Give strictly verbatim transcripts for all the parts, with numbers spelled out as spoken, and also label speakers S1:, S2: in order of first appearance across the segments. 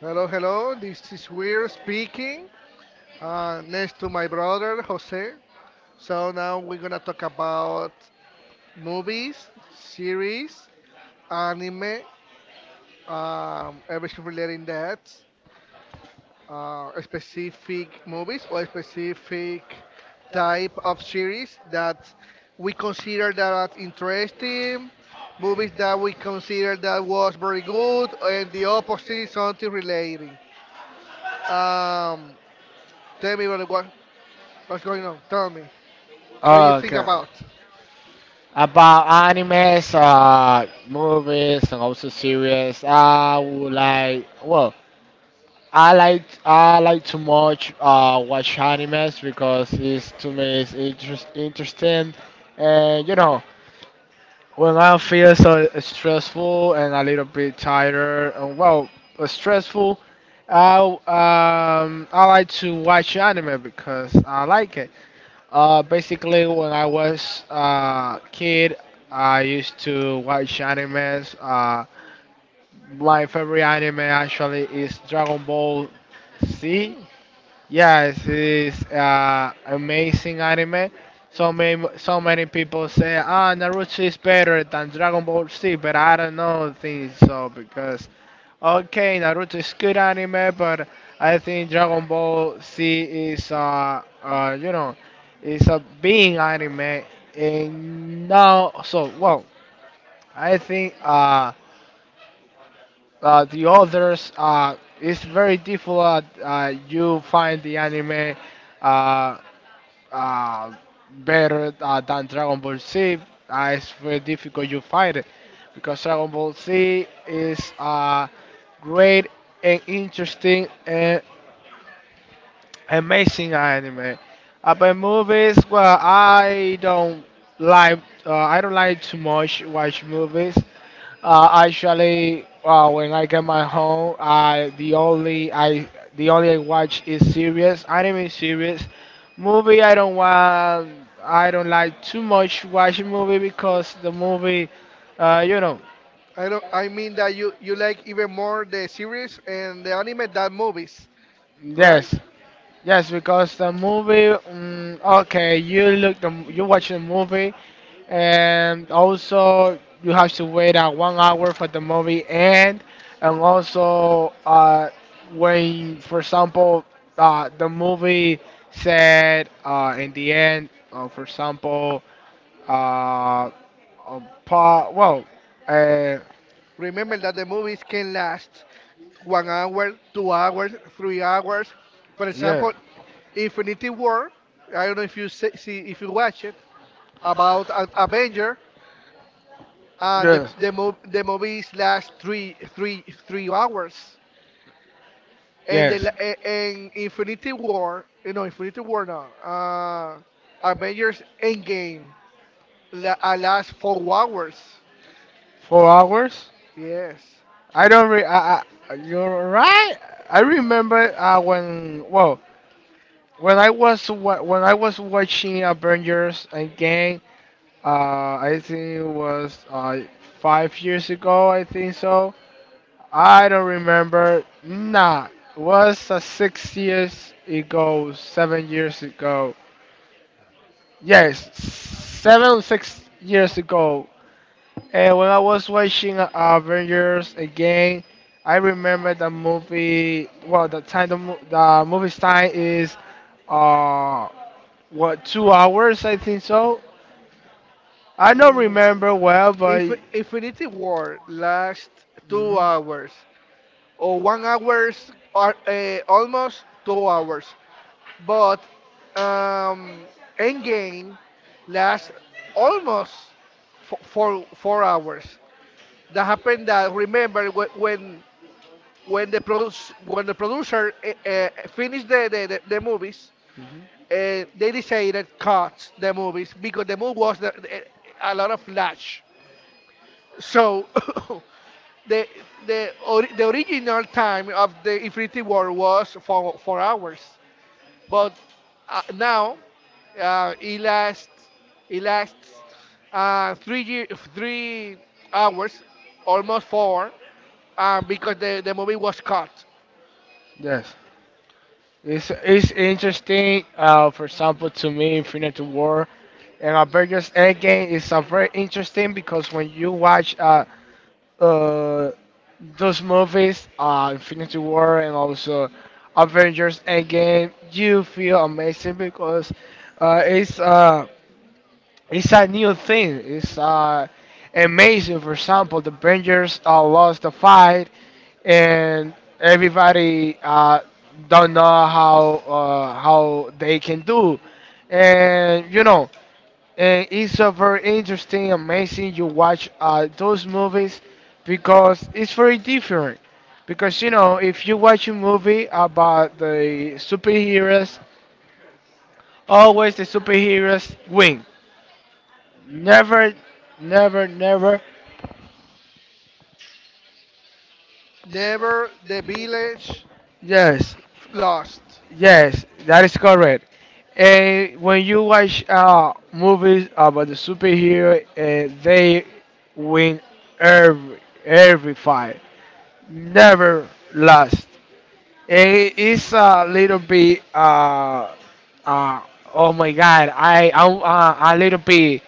S1: Hello, hello. This is Weir speaking. Uh, next to my brother Jose. So now we're gonna talk about movies, series, anime, um, everything relating that, uh, specific movies or specific type of series that we consider that interesting, movies that we consider that was very good, and the opposite something relating. Um, Tell me brother, what What's going on? Tell me. What do you think
S2: Okay.
S1: about?
S2: About animes, uh, movies, and also series. I would like. Well, I like I like to much uh watch animes because it's to me it's interest, interesting, and you know when I feel so stressful and a little bit tired and, well, stressful, I um I like to watch anime because I like it. Uh, basically, when I was a kid, I used to watch animes. Uh, my favorite anime actually is Dragon Ball Z.
S1: Hmm.
S2: Yes, it is uh, amazing anime. So many, so many people say, ah, Naruto is better than Dragon Ball Z, but I don't know think so because, okay, Naruto is good anime, but I think Dragon Ball Z is, uh, uh, you know, is a being anime, and now, so, well, I think uh, uh, the others uh, it's very difficult. Uh, you find the anime. Uh, uh, Better uh, than Dragon Ball Z. Uh, it's very difficult you find it because Dragon Ball Z is a great and interesting and amazing anime. About movies, well, I don't like uh, I don't like too much watch movies, uh, actually, uh, when I get my home, I the only I the only I watch is series, anime series. Movie I don't want. I don't like too much watching movie because the movie, uh, you know,
S1: I don't. I mean that you you like even more the series and the anime than movies, right?
S2: yes. Yes, because the movie. Um, okay, you look the you watch the movie, and also you have to wait uh, one hour for the movie end, and also uh, when, for example, uh, the movie said uh, in the end, uh, for example, uh, a part, well, uh,
S1: Remember that the movies can last one hour, two hours, three hours. For
S2: yeah,
S1: example, Infinity War. I don't know if you see, see if you watch it about a- Avenger and the
S2: yeah.
S1: the, mov- the movies last three three three hours. And the
S2: Yes.
S1: la- a- and Infinity War, you know, Infinity War now, uh, Avengers Endgame, la, uh, last four hours.
S2: Four hours?
S1: Yes.
S2: I don't re. I, I, you're right. I remember, uh, when well when I was wa- when I was watching Avengers Endgame. Uh, I think it was uh, five years ago. I think so. I don't remember. Nah, was uh, six years ago, seven years ago. Yes, seven six years ago. And when I was watching Avengers again, I remember the movie. Well, the time the, mo- the movie's time is, uh, what, two hours? I think so. I don't
S1: Mm.
S2: remember well,
S1: If
S2: but.
S1: Infinity War last
S2: Mhm,
S1: two hours or one hours or uh, eh, almost two hours, but um, Endgame last almost for four, four hours. That happened that remember wh- when when the produce when the producer uh, uh, finished the the, the, the movies,
S2: mhm.
S1: uh, they decided cut the movies because the movie was the, the- a lot of flash. So the the ori- the original time of the Infinity War was for four hours, but uh, now, uh, it lasts it lasts uh, three year, three hours, almost four, uh, because the, the movie was cut.
S2: Yes. It's it's interesting. Uh, for example, to me, Infinity War and Avengers Endgame is a very interesting because when you watch uh, uh, those movies, uh, Infinity War and also Avengers Endgame, you feel amazing because uh, it's uh, it's a new thing. It's uh, amazing. For example, the Avengers uh, lost the fight, and everybody uh, don't know how uh, how they can do, and you know, and it's a very interesting, amazing. You watch uh, those movies because it's very different. Because you know, if you watch a movie about the superheroes, always the superheroes win. Never, never, never.
S1: Never the Village
S2: Yes,
S1: Lost.
S2: yes, that is correct. And when you watch uh, movies about the superhero, uh, they win every every fight, never lost. And it's a little bit, uh, uh, oh my God, I I'm uh, a little bit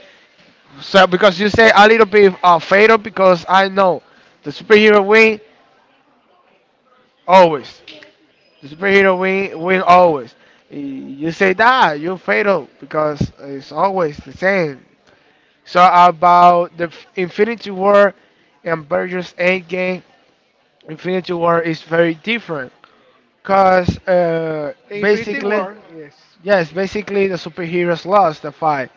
S2: so because you say a little bit uh, fatal because I know the superhero win always. The superhero win win always. You say that you fatal because it's always the same. So about the F- Infinity War and Avengers Endgame, Infinity War is very different because, uh,
S1: Infinity
S2: basically,
S1: War, yes.
S2: yes, basically the superheroes lost the fight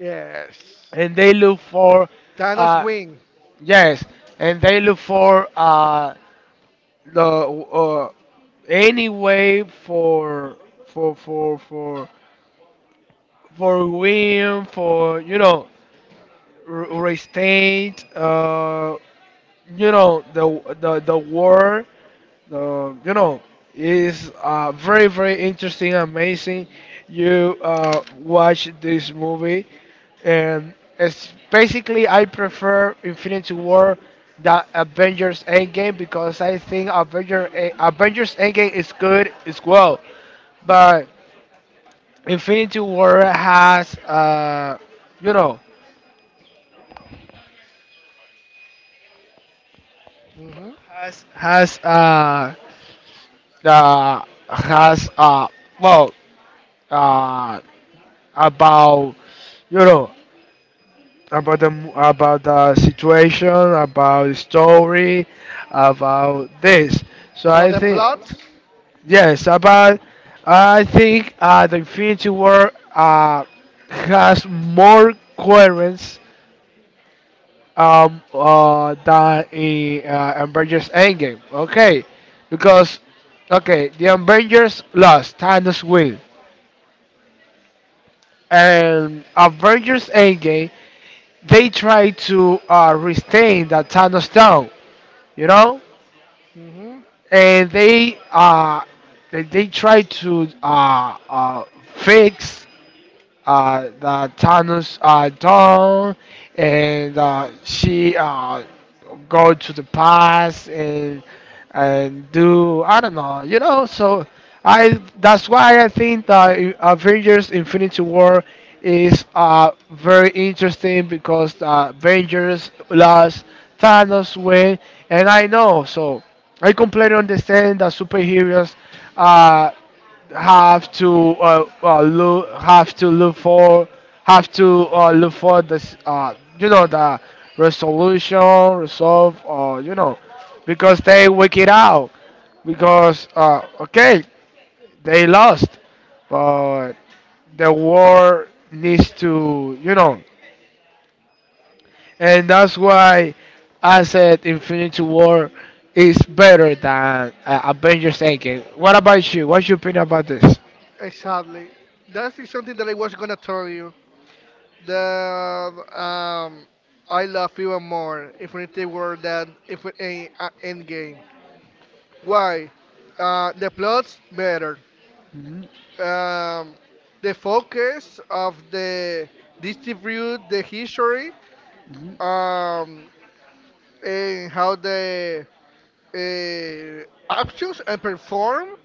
S1: Yes.
S2: and they look for,
S1: Thanos
S2: uh,
S1: win.
S2: yes, and they look for uh, the uh, any way for for for for for win, for you know, r- restate, uh, you know, the the the war, the, you know, is uh, very, very interesting, amazing. You uh, watch this movie, and it's basically I prefer Infinity War than Avengers Endgame because I think Avenger eh, Avengers Endgame is good as well, but Infinity War has uh, you know
S1: Mhm.
S2: has has uh uh has uh well uh about, you know about the mo- about the situation, about the story, about this, so
S1: About
S2: I
S1: the
S2: think,
S1: plot.
S2: yes, about, I think, uh the Infinity War uh has more coherence, um, uh, than in, uh, Avengers Endgame. Okay, because, okay, the Avengers lost, Thanos win, and Avengers Endgame they try to uh, restrain that Thanos down, you know,
S1: Mhm.
S2: and they uh, they, they try to uh, uh, fix uh, the tunnels are down, and uh, she uh, go to the past and and do, I don't know, you know. So I that's why I think that I- Avengers: Infinity War is uh, very interesting because, uh, Avengers lost, Thanos win, and I know so. I completely understand that superheroes. Uh, have to uh, uh, look, have to look for, have to uh, look for this, uh, you know the resolution, resolve, or you know because they work it out, because uh, okay, they lost, but the war needs to, you know and that's why I said Infinity War is better than uh, Avengers Endgame. What about you? What's your opinion about this?
S1: Exactly. That is something that I was gonna tell you. The um, I love even more Infinity War than if a, a Endgame. Why? Uh, the plot's better.
S2: Mhm.
S1: Um, the focus of the distribute the history,
S2: Mhm.
S1: um and how the uh, actions and perform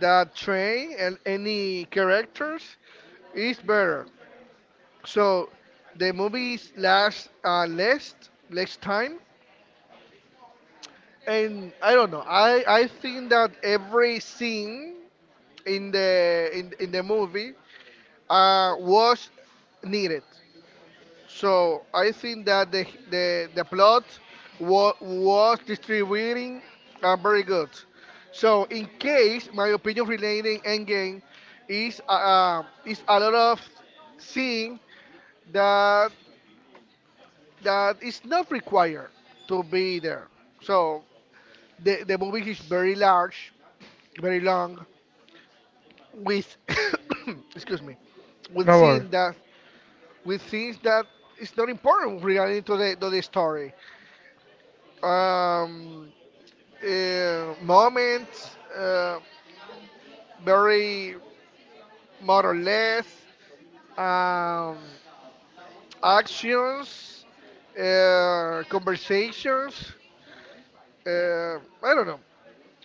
S1: that train and any characters is better. So the movies last uh, less less time, and I don't know. I I think that every scene in the in in the movie uh was needed. So I think that the the, the plot wa- was distributing and very good. So in case my opinion relating Endgame is uh, um, is a lot of seeing that that is not required to be there. So the the movie is very large, very long with excuse me, with scene that, with things that is not important regarding to the to the story. Um, uh, Moments, uh, very more or less, um, actions, uh, conversations. Uh, I don't know.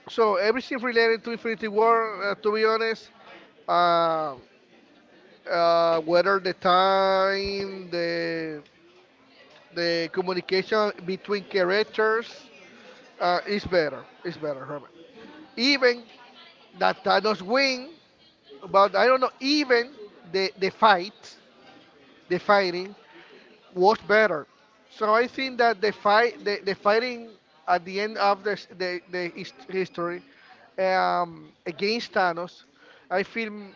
S1: So everything related to Infinity War, uh, to be honest, uh, uh, whether the time, the the communication between characters, uh, is better. Is better, Herman. Even that Thanos win, but I don't know. Even the the fight, the fighting was better. So I think that the fight, the, the fighting at the end of the s- the, the his- history, um, against Thanos, I feel, um,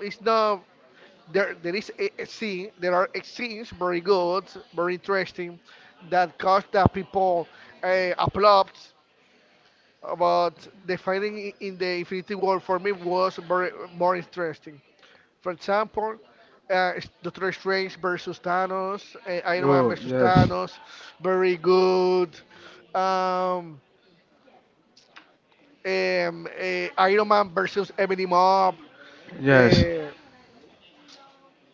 S1: it's not there. There is a, a scene. There are scenes very good, very interesting, that cause that people uh, applaud. But the fighting in in the Infinity War for me was very more interesting. For example, uh, s- Doctor Strange versus Thanos, uh, Iron Man versus Thanos, very good. Um, um, uh, Iron Man versus Ebony Mob, uh,
S2: Yes. the
S1: uh,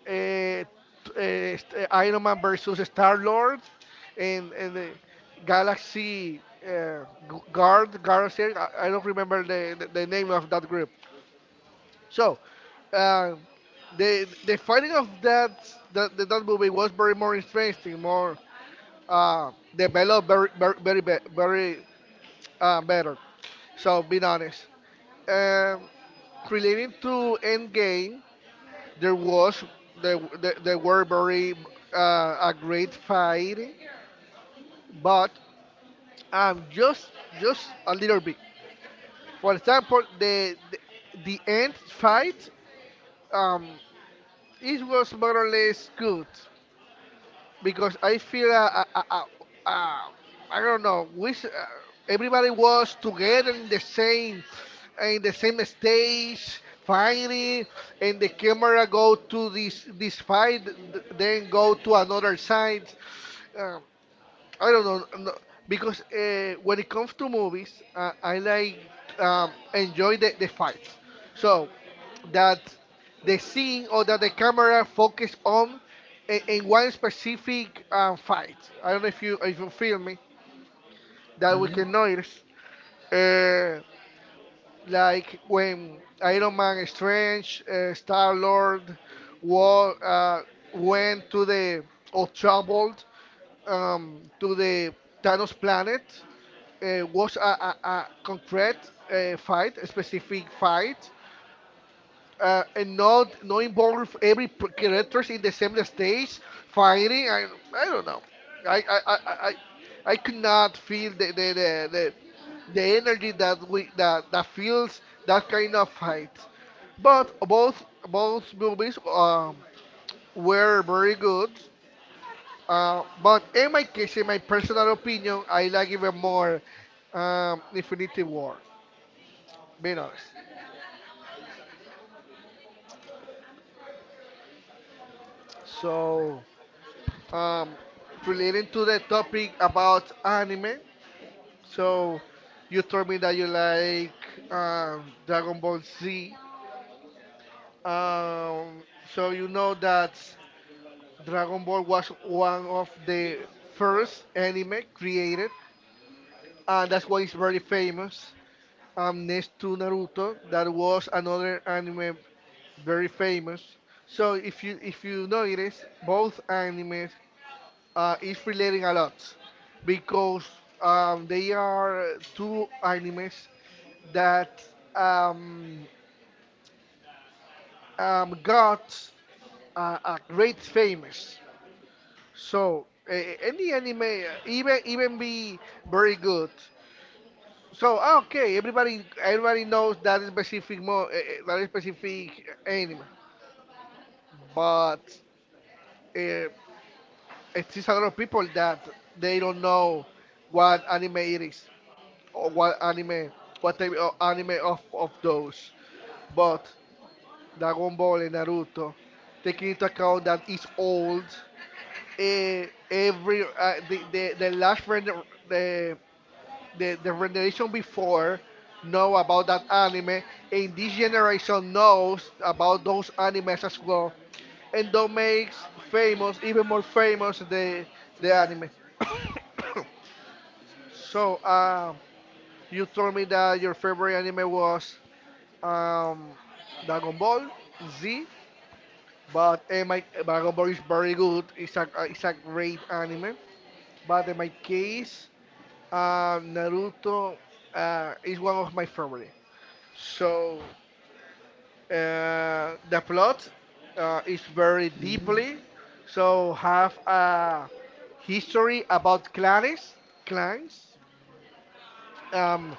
S1: t- uh, st- uh, Iron Man versus Star Lord, and, and the Galaxy uh, Gu- Guard, Guard. I I don't remember the, the, the name of that group. So, uh, the the fighting of that that that that movie was very more interesting, more uh, developed, very very very be- very uh, better. So being honest, um, relating to Endgame, there was there there, there were very uh, a great fight, but um just just a little bit. For example, the the, the end fight, um it was more or less good because I feel, uh, uh, uh, uh, uh, I don't know. We s- uh, everybody was together in the same in the same stage finally, and the camera go to this this fight, th- then go to another side. Um, I don't know, no, because uh, when it comes to movies, uh, I like, um, enjoy the, the fights. So that the scene or that the camera focus on in, in one specific um, fight. I don't know if you if you feel me that we can notice. Uh, like when Iron Man, Strange, uh, Star Lord, war uh, went to the, or traveled, um, to the Thanos planet, uh, was a, a, a concrete uh, fight, a specific fight, uh, and not not involve every p- characters in the same stage fighting. I I don't know. I I I I, I I could not feel the the, the, the the energy that we that, that feels that kind of fight. But both both movies, um, were very good. Uh, but in my case, in my personal opinion, I like even more, um, Infinity War. Being honest. So, um, relating to the topic about anime, so you told me that you like, um, Dragon Ball Z. Um, so you know that Dragon Ball was one of the first anime created, and that's why it's very famous. Um, next to Naruto, that was another anime very famous. So if you if you notice, both animes uh, is relating a lot because, um, they are two animes that, um, um, got uh, a great famous. So uh, any anime, uh, even even be very good. So ah, okay, everybody everybody knows that specific mo uh, uh, that specific anime, but uh, it's just a lot of people that they don't know what anime it is, or what anime, what type of anime of, of, those. But Dragon Ball and Naruto, taking into account that it's old, eh, every uh, the, the the last render the the the rendition before know about that anime, and this generation knows about those animes as well, and that makes famous even more famous the the anime. So, um, you told me that your favorite anime was, um, Dragon Ball Z, but uh, my Dragon Ball is very good. It's a uh, it's a great anime. But in my case, uh, Naruto uh, is one of my favorite. So uh, the plot uh, is very deeply. So have a history about clans, clans. um,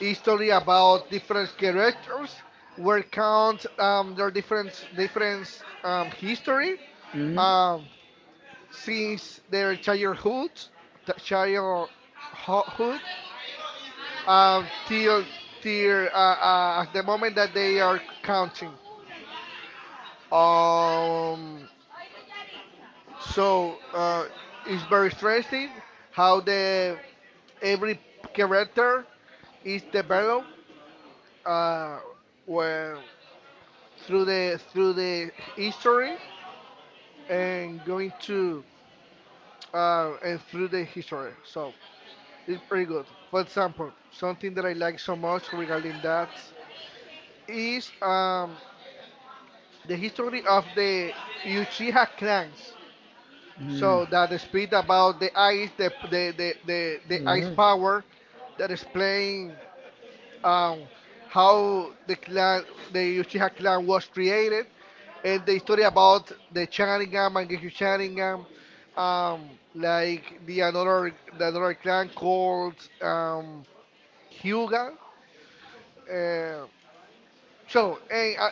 S1: History about different characters where count, um, their different different um, history,
S2: Mhm.
S1: um, since their childhood the childhood, um, till till uh, uh, the moment that they are counting, um, so uh, it's very interesting how the every character is developed, uh, when through the through the history, and going to, uh, and through the history. So it's pretty good. For example, something that I like so much regarding that is, um, the history of the Uchiha clans.
S2: Mm.
S1: So that the speed about the ice, the the, the, the, the ice
S2: Mhm.
S1: power that explain, um, how the clan, the Uchiha clan was created, and the story about the Sharingan, Mangekyou Sharingan, um, like the another the another clan called, um, Hyuga. Uh, so, and, uh,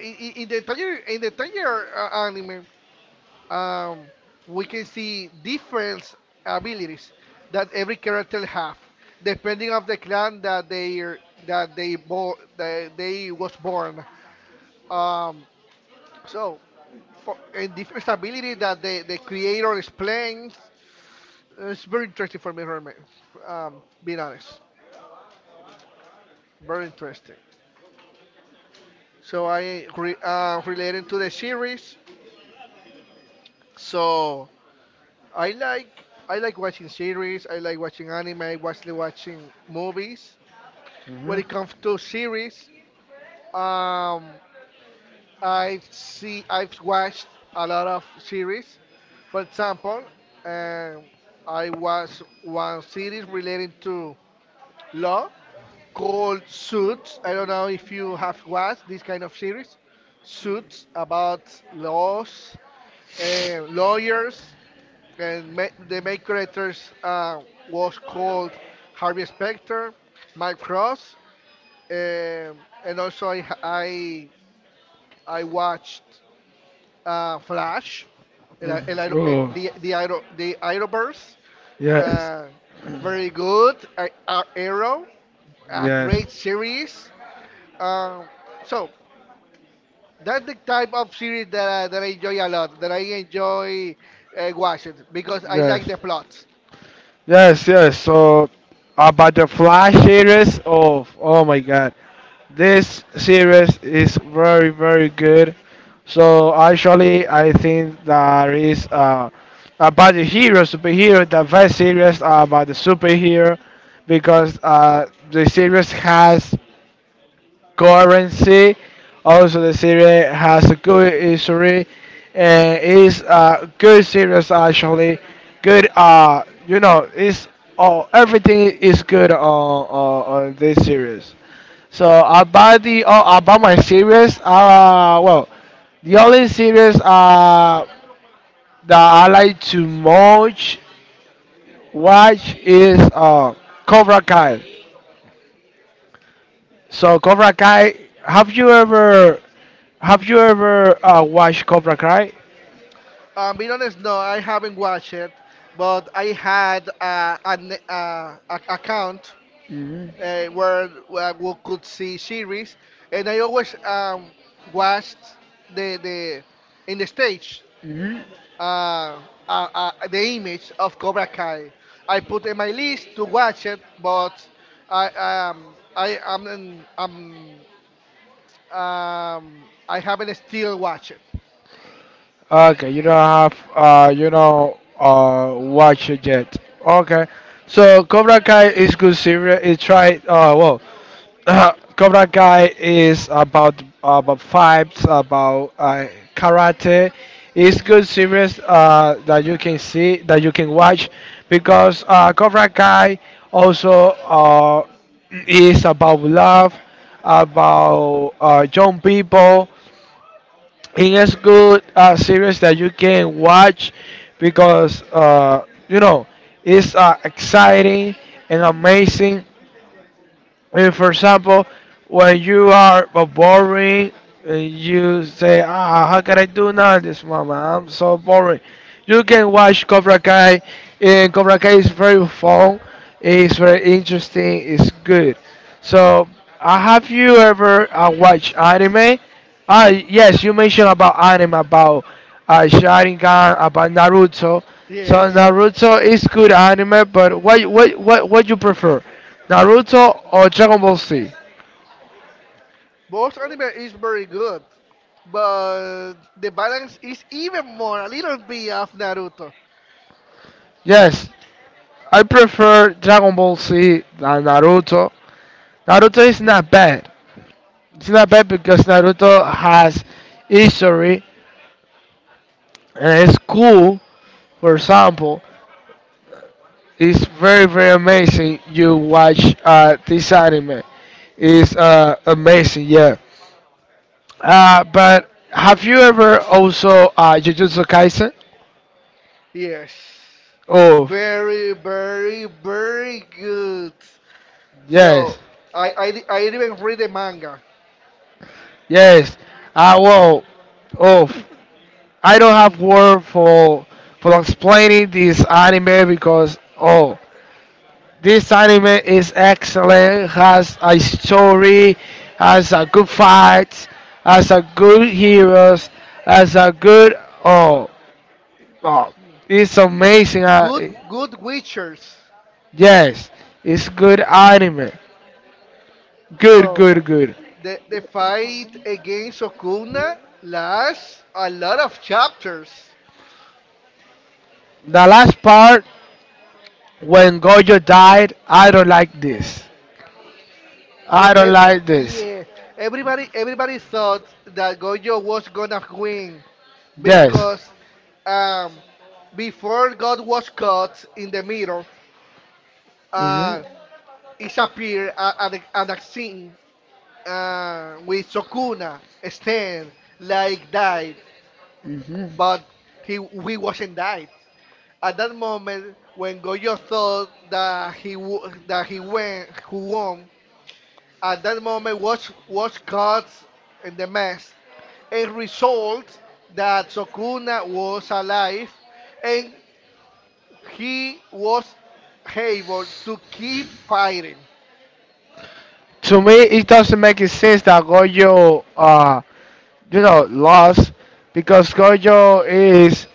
S1: in, in in the entire in the entire uh, anime, um, we can see different abilities that every character have, depending of the clan that they that they bo- that they was born. Um, so for and different ability that the, the creator explains. It's very interesting for me, Herman. Um, being honest, very interesting. So I re, uh, related to the series. So I like I like watching series. I like watching anime. I watch watching movies.
S2: Mhm.
S1: When it comes to series, um, I've see I've watched a lot of series. For example, um, I watched one series relating to law called Suits. I don't know if you have watched this kind of series. Suits, about laws, uh, lawyers, and ma- the main characters uh, was called Harvey Specter, Mike Frost, um, and also I I, I watched, uh, Flash, and I, and I,
S2: Mm.
S1: eh, the the Iron the Arrowverse. Uh, Very good. Uh, uh, Arrow, a great
S2: Yes.
S1: series. Um, so
S2: so
S1: that's the type of series that I, that I enjoy a lot, that I enjoy, uh, watching because I like
S2: Yes.
S1: the plots.
S2: Yes, yes. So about the Flash series of, oh my god. This series is very, very good. So actually I think there is, uh about the hero superhero, the best series are about the superhero because uh the series has currency. Also, the series has a good history and is a good series actually. Good, uh, you know, it's, oh, everything is good on, on, on this series. So about the oh, about my series, uh, well, the only series uh that I like to much watch is uh Cobra Kai. So Cobra Kai, have you ever have you ever uh, watched Cobra Kai?
S1: Um, being honest, no, I haven't watched it, but I had uh, an uh, a- account,
S2: Mm.
S1: uh, where, where we could see series, and I always, um, watched the the in the stage.
S2: Mhm.
S1: uh, uh, uh, the image of Cobra Kai. I put in my list to watch it, but I um I am um, um um, I haven't still watched it.
S2: Okay, you don't have uh you know uh watch it yet. Okay. So Cobra Kai is good series. It tried, uh well Cobra Kai is about about fights, about uh, karate. It's good series, uh, that you can see, that you can watch, because uh, Cobra Kai also, uh, is about love, about uh, young people, it is good uh, series that you can watch because, uh, you know it's uh, exciting and amazing if, for example, when you are uh, boring, uh, you say, "Ah, how can I do now at this moment? I'm so boring." You can watch Cobra Kai, and Cobra Kai is very fun. It's very interesting. It's good. So, uh, have you ever uh, watched anime? Ah, yes, you mentioned about anime, about uh, Sharingan, about Naruto. So
S1: Yes,
S2: Naruto is good anime, but what what what what you prefer? Naruto or Dragon Ball Z?
S1: both anime is very good, but the balance is even more a little bit of Naruto.
S2: Yes, I prefer Dragon Ball Z than Naruto. Naruto is not bad. It's not bad because Naruto has history and it's cool. For example, it's very, very amazing. You watch uh, this anime. It's uh, amazing, yeah. Uh, but have you ever also uh, Jujutsu Kaisen?
S1: Yes,
S2: Oh,
S1: very very very good.
S2: yes.
S1: So I I, I even read the manga.
S2: Yes. Uh, well, oh, I don't have word for for explaining this anime because, oh, this anime is excellent. Has a story, has a good fight, has a good heroes, has a good, oh, oh, it's amazing. Uh,
S1: Good good Witchers.
S2: yes, it's good anime. Good,
S1: So
S2: good, good.
S1: the the fight against Okuna lasts a lot of chapters.
S2: The last part when Gojo died, I don't like this.
S1: So
S2: I
S1: e-
S2: don't like this.
S1: yeah, everybody everybody thought that Gojo was gonna win
S2: Yes.
S1: because um before God was caught in the mirror,
S2: Mhm.
S1: uh it appeared a- an an scene uh, with Sokuna stand like died, but he he wasn't died. At that moment, when Goyo thought that he wo- that he went who won, at that moment watch watch cards in the mess, a result that Sokuna was alive,
S2: Mhm.
S1: and he was able to keep fighting.
S2: To me, it doesn't make any sense that Gojo, uh, you know, lost because Gojo is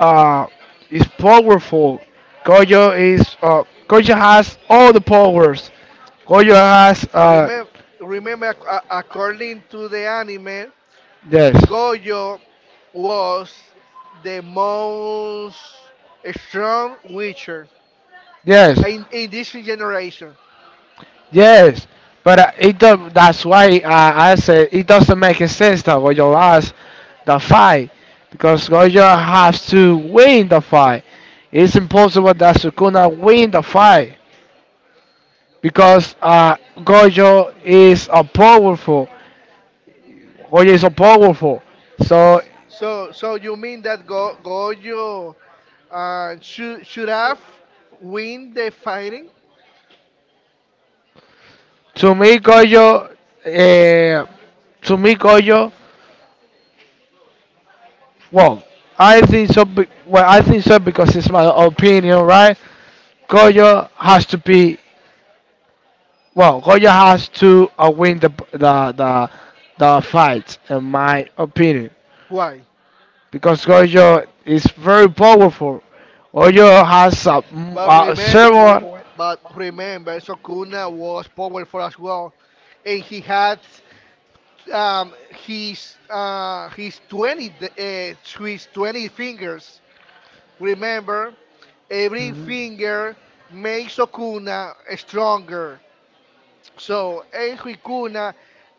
S2: uh, is powerful. Gojo is uh, Gojo has all the powers. Gojo has uh,
S1: Remember, remember, ac- a- according to the anime, Goyo was the most strong witcher
S2: Yes, yes.
S1: in, in this generation.
S2: Yes, but, uh, it do- that's why uh, I said it doesn't make sense that Gojo lost the fight because Gojo has to win the fight. It's impossible that Sukuna win the fight because uh, Gojo is a powerful. Gojo is a powerful. So,
S1: So so you mean that Go, Goyo uh, should should have win the fighting?
S2: to me, Gojo, uh, to me, Gojo, well, I think so. Be- well, I think so because it's my opinion, right? Gojo has to be. Well, Goya has to uh, win the the the the fight, in my opinion,
S1: Why?
S2: because Goyo is very powerful. Goyo has a, m-
S1: But
S2: a
S1: remember,
S2: several.
S1: but remember, Sukuna was powerful as well, and he had um, his uh, his twenty d- uh, his twenty fingers. Remember, every finger makes Sukuna stronger. So El Huicuna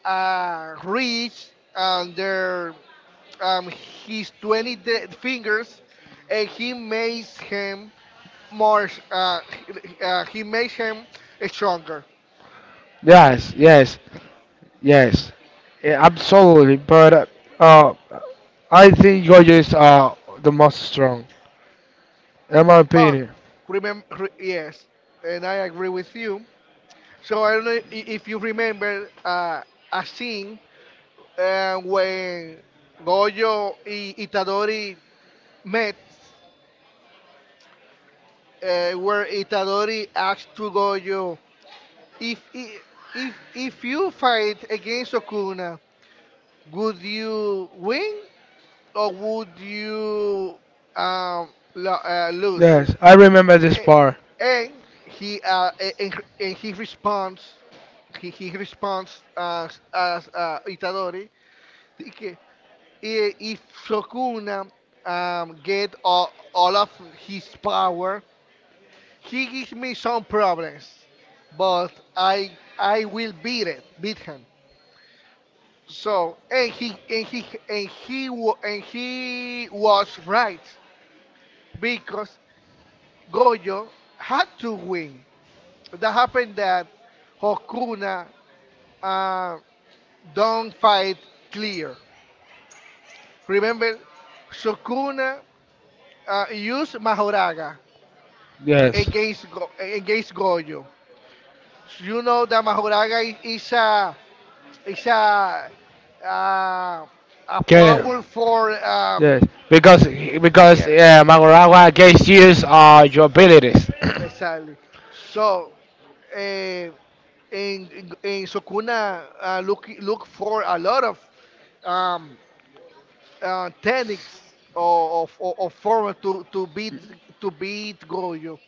S1: uh, reached under um, his twenty de- fingers and he makes him more, s- uh, he- uh, he makes him stronger.
S2: Yes, yes, yes, yeah, absolutely. But uh, uh, I think Goyo is, uh, the most strong, in my
S1: But
S2: opinion.
S1: remember, yes, and I agree with you. So I don't know i- if you remember uh, a scene uh, when Goyo and Itadori met, uh, where Itadori asked to Goyo. If i- if if you fight against Okuna, would you win or would you um lo- uh, lose?
S2: Yes, I remember this
S1: A-
S2: part.
S1: And he uh a- and, and he responds, he, he responds as as uh, Itadori de que i- if Sokuna um get all, all of his power, he gives me some problems, but I I will beat it beat him. So and he and he and he wa- and he was right because Goyo had to win. That happened that Hokuna uh, don't fight clear. Remember, Sukuna uh, used Mahoraga
S2: Yes.
S1: against Go- against Goyo. So you know that Mahoraga i- is a is a uh, a
S2: Okay.
S1: powerful
S2: Yes,
S1: um
S2: because because
S1: yes
S2: yeah, Magorawa gauge use uh, your abilities.
S1: exactly. So eh, in, in, in Sukuna uh, look look for a lot of um, uh, techniques or of, of, of form to, to beat to beat Gojo.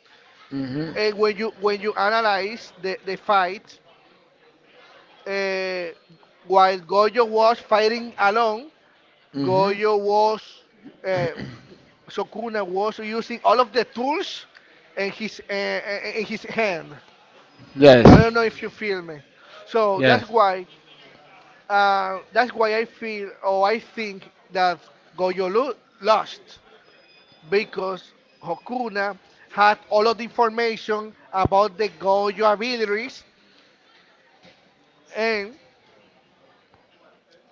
S2: Hmm,
S1: And when you when you analyze the, the fight, uh, while Gojo was fighting alone, Gojo
S2: hmm.
S1: was uh, Sukuna was using all of the tools in his uh, in his hand.
S2: Yes.
S1: I don't know if you feel me. So that's why Uh, that's why I feel or I think that Goyolu lost because Hokuna had all of the information about the Goyo abilities and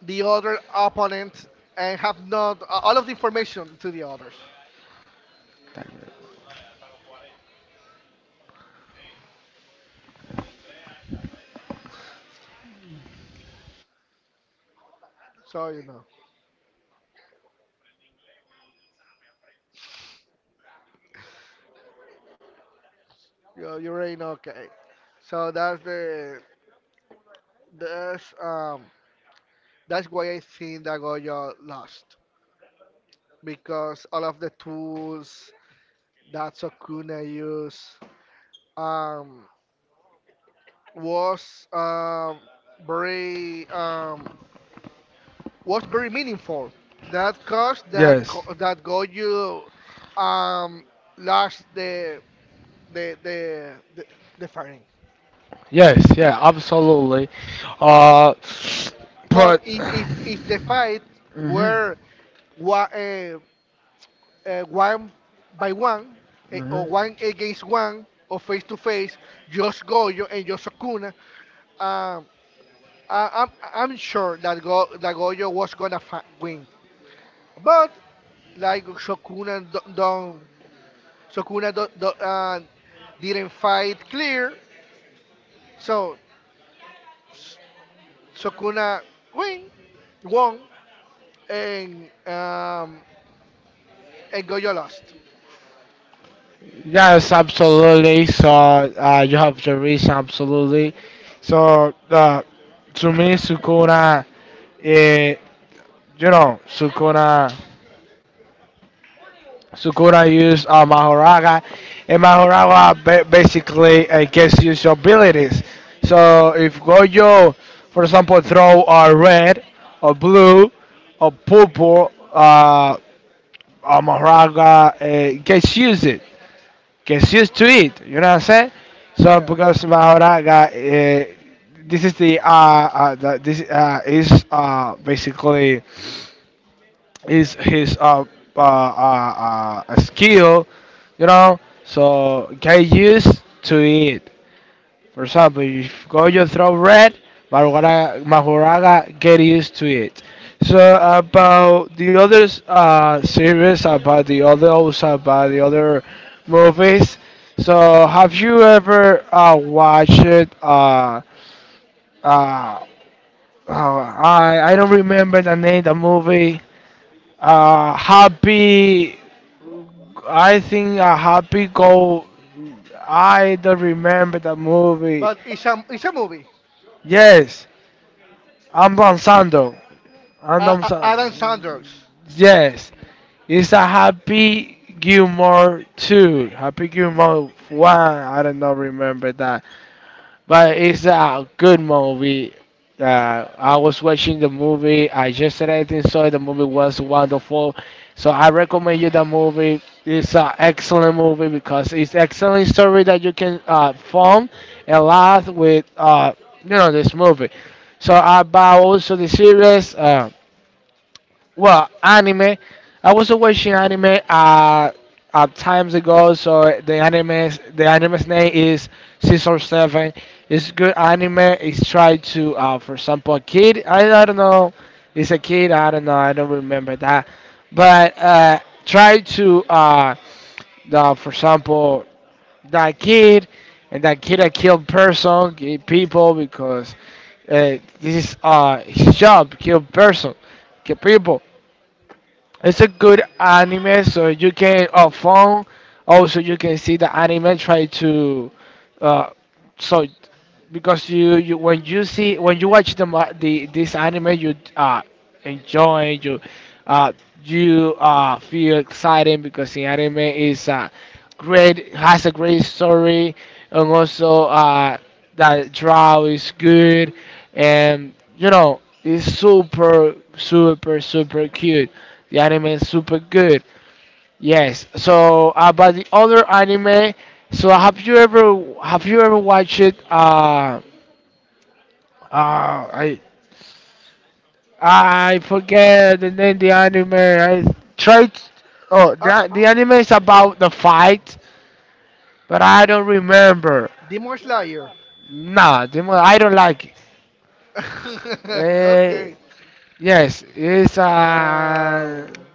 S1: the other opponents and have not uh, all of the information to the others. So you know, you you already know. Okay, so that's the that's um that's why I think that Goyo lost because all of the tools that Sokuna used um was um, very um, was very meaningful. That cost that go, that got you um, lost the the the the, the fighting.
S2: Yes. Yeah. Absolutely. Uh,
S1: But
S2: but.
S1: if, if if the fight were wa- uh, uh, one by one, eh, or one against one or face to face, just Goyo and just Sukuna, um, I, I'm I'm sure that Go that Goyo was gonna fi- win. But like Shokuna do don't Shokuna do don't, uh, didn't fight clear, so S- Shokuna win won and um, and Goyo lost.
S2: Yes, absolutely. So uh, you have the reason, absolutely. So uh, to me, Sukuna, uh, you know, Sukuna, Sukuna used uh, Mahoraga, and Mahoraga ba- basically uh, gets his abilities. So if Gojo, for example, throw a red, or blue, or purple, uh, uh, Mahoraga uh, gets used. Gets used to it. You know what I'm saying? So,
S1: Yeah,
S2: because Mahora got uh, this is the uh, uh the, this uh is uh basically is his uh uh, uh uh skill, you know. So get used to it. For example, if Gojo throw red, Mahoraga, Mahoraga get used to it. So about the other, uh, series, about the others, about the other movies. So have you ever uh, watched it? Uh, uh, uh, I I don't remember the name of the movie. Uh, happy, I think a happy go. I don't remember the movie.
S1: but it's a it's a movie.
S2: Yes, I'm Don Sando. I'm
S1: Uh,
S2: Don
S1: uh, Adam Sanders,
S2: Sando. Yes, it's a Happy Gilmore two. Happy Gilmore one. I don't know, remember that. But it's a good movie. Uh, I was watching the movie. I just said I think so. The movie was wonderful. So I recommend you the movie. It's an excellent movie because it's excellent story that you can uh, form a lot with uh, you know this movie. So about also the series. Uh, well, anime. I was watching anime uh, uh times ago. So the anime, the anime's name is Season Seven. It's good anime. It's try to, uh, for example, a kid. I, I don't know. It's a kid. I don't know. I don't remember that. But uh, try to, uh, the, for example, that kid and that kid that killed person, killed people because uh, this is uh, his job, kill person, kill people. It's a good anime, so you can on phone. Also, you can see the anime. Try to, uh, so because you, you when you see when you watch the ma- the this anime, you uh enjoy you, uh you uh feel excited because the anime is uh great has a great story and also uh that draw is good, and you know it's super super super cute. The anime is super good. Yes. So about the other anime, so have you ever have you ever watched it? Uh, uh, I I forget the name the anime. I tried. Oh,
S1: uh,
S2: the the anime is about the fight, but I don't remember.
S1: Demon Slayer.
S2: Nah, the mo- I don't like it. Uh,
S1: Okay.
S2: yes, it's uh.
S1: Um,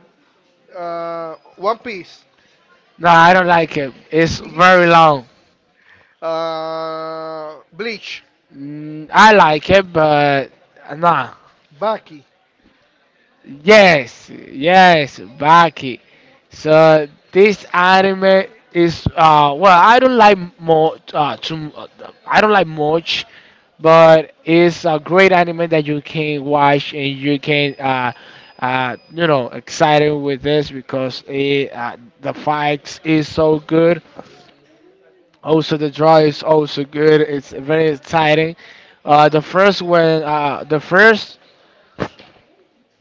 S1: uh, One Piece.
S2: No, I don't like it. It's very long.
S1: uh, Bleach,
S2: Mm, I like it, but nah.
S1: Baki.
S2: Yes, yes, Baki. So this anime is uh well, I don't like more uh too, I don't like much, but it's a great anime that you can watch and you can uh uh you know excited with this because it uh, the fights is so good. Also, the draw is also good. It's very exciting. Uh, the first when uh, the first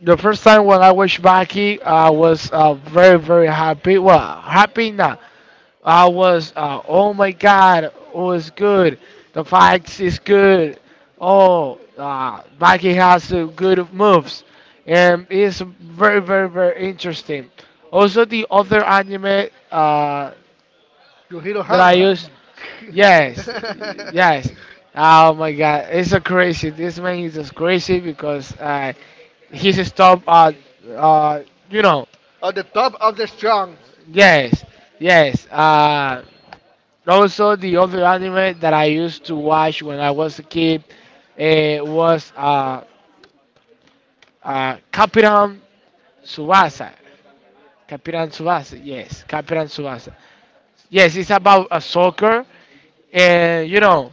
S2: the first time when I watched Baki, I was uh, very very happy. Well, happy now. I was uh, oh my god, it was good. The fights is good. Oh, uh, Baki has uh, good moves, and it's very very very interesting. Also, the other anime uh,
S1: Yujiro
S2: that I
S1: Hama.
S2: use. Yes, yes. Oh my God, it's so crazy. This man is just crazy because uh, he's stop. Uh, uh, you know.
S1: On the top of the strong.
S2: Yes, yes. Uh, also the other anime that I used to watch when I was a kid uh, was uh, uh, Capitan Tsubasa. Capitan Tsubasa. Yes, Capitan Tsubasa. Yes, it's about a soccer and you know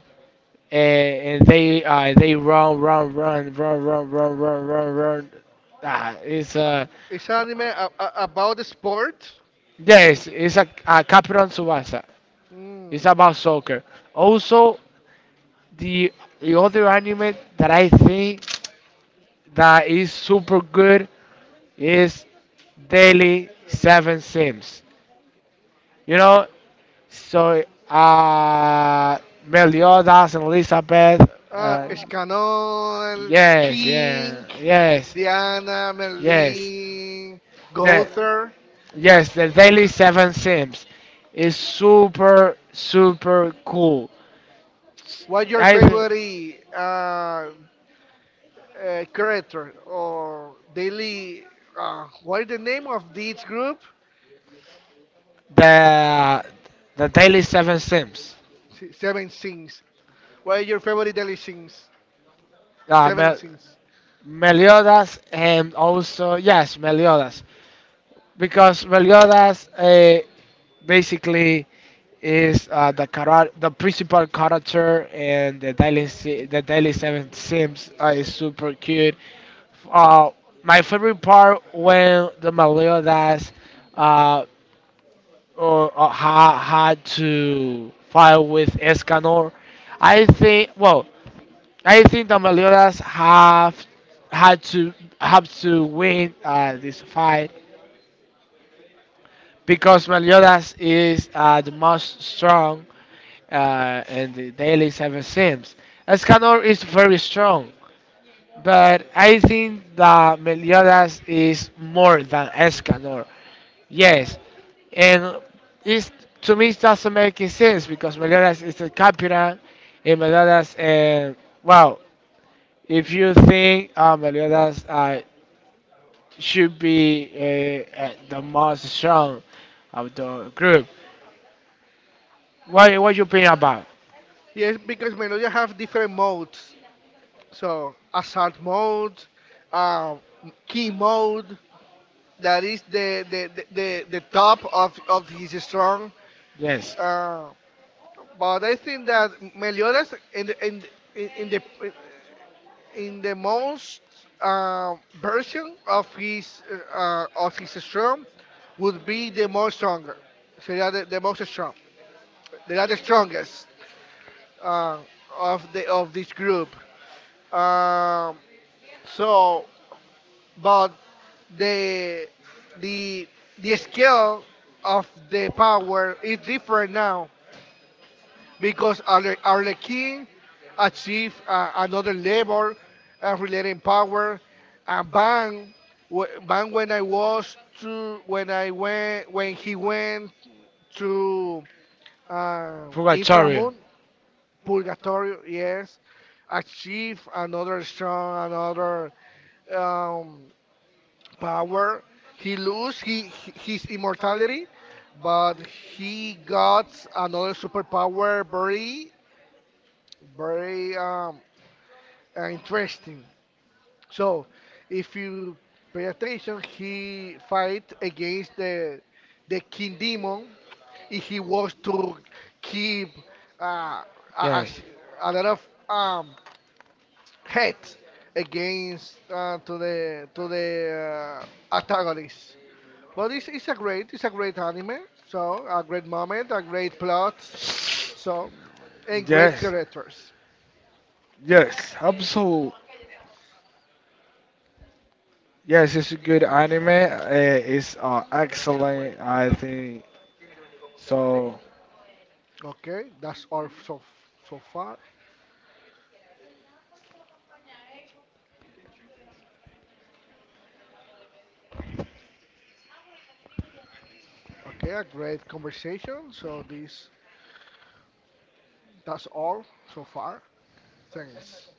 S2: and, and they uh, they run, run, run, run, run, run, run, run, run. Ah, it's
S1: Uh,
S2: uh,
S1: It's anime a- a- about the sport.
S2: yes, it's a, a Captain Tsubasa. It's
S1: Mm.
S2: about soccer. Also, the the other anime that I think that is super good is Daily Seven Sims. You know, so uh, Meliodas and Elizabeth.
S1: Uh,
S2: Uh,
S1: Escanol,
S2: Yes,
S1: King,
S2: yeah, yes,
S1: Diana,
S2: yes.
S1: Merlin,
S2: The
S1: Gother.
S2: yes, the Daily Seven Sims is super super cool.
S1: What's your
S2: I
S1: favorite uh, uh, character or daily? Uh, what is the name of this group?
S2: the the Daily Seven Sims.
S1: Se- Seven Sins. What is your favorite daily sins?
S2: Uh,
S1: Seven
S2: Mel-
S1: sins.
S2: Meliodas, and also yes, Meliodas because Meliodas uh, basically is uh, the chara- the principal character, and the daily Si- the daily seven sims uh, is super cute. Uh, my favorite part when the Meliodas uh, or, or ha- had to fight with Escanor. I think well, I think the Meliodas have had to have to win uh, this fight because Meliodas is uh, the most strong uh, in the daily seven sims. Escanor is very strong, but I think that Meliodas is more than Escanor. Yes, and it's, to me it doesn't make any sense because Meliodas is the captain, and Meliodas, and well, if you think uh, Meliodas uh, should be uh, uh, the most strong of the group. What what you playing about?
S1: Yes, because Melodia have different modes. So assault mode, uh, key mode. That is the the, the, the the top of, of his strong.
S2: Yes.
S1: Uh, but I think that Meliodas in the in the- in, in the in the most uh, version of his uh, uh, of his strong would be the most stronger. So they are the, the most strong. They are the strongest uh, of the of this group. Um, so, but the the the scale of the power is different now because Arle- Arlequin achieved uh, another level uh, relating power, and Bang, wh- Bang when I was to when I went when he went to uh,
S2: Purgatorio.
S1: Inframoon Purgatorio, yes, achieved another strong another. Um, power. He lose he, he- his immortality, but he got another superpower very very um uh, interesting. So if you pay attention, he fight against the the king demon. If he was to keep uh, a, a,
S2: Yes.
S1: s- a lot of um hate against uh, to the to the uh, antagonist. But it's, it's a great it's a great anime. So a great moment, a great plot. So and great
S2: Yes.
S1: characters.
S2: Yes. Absolutely. Yes, it's a good anime. Uh, it's uh, excellent. I think so.
S1: Okay, that's all so so far. Okay, a great conversation. So this that's all so far. Thanks.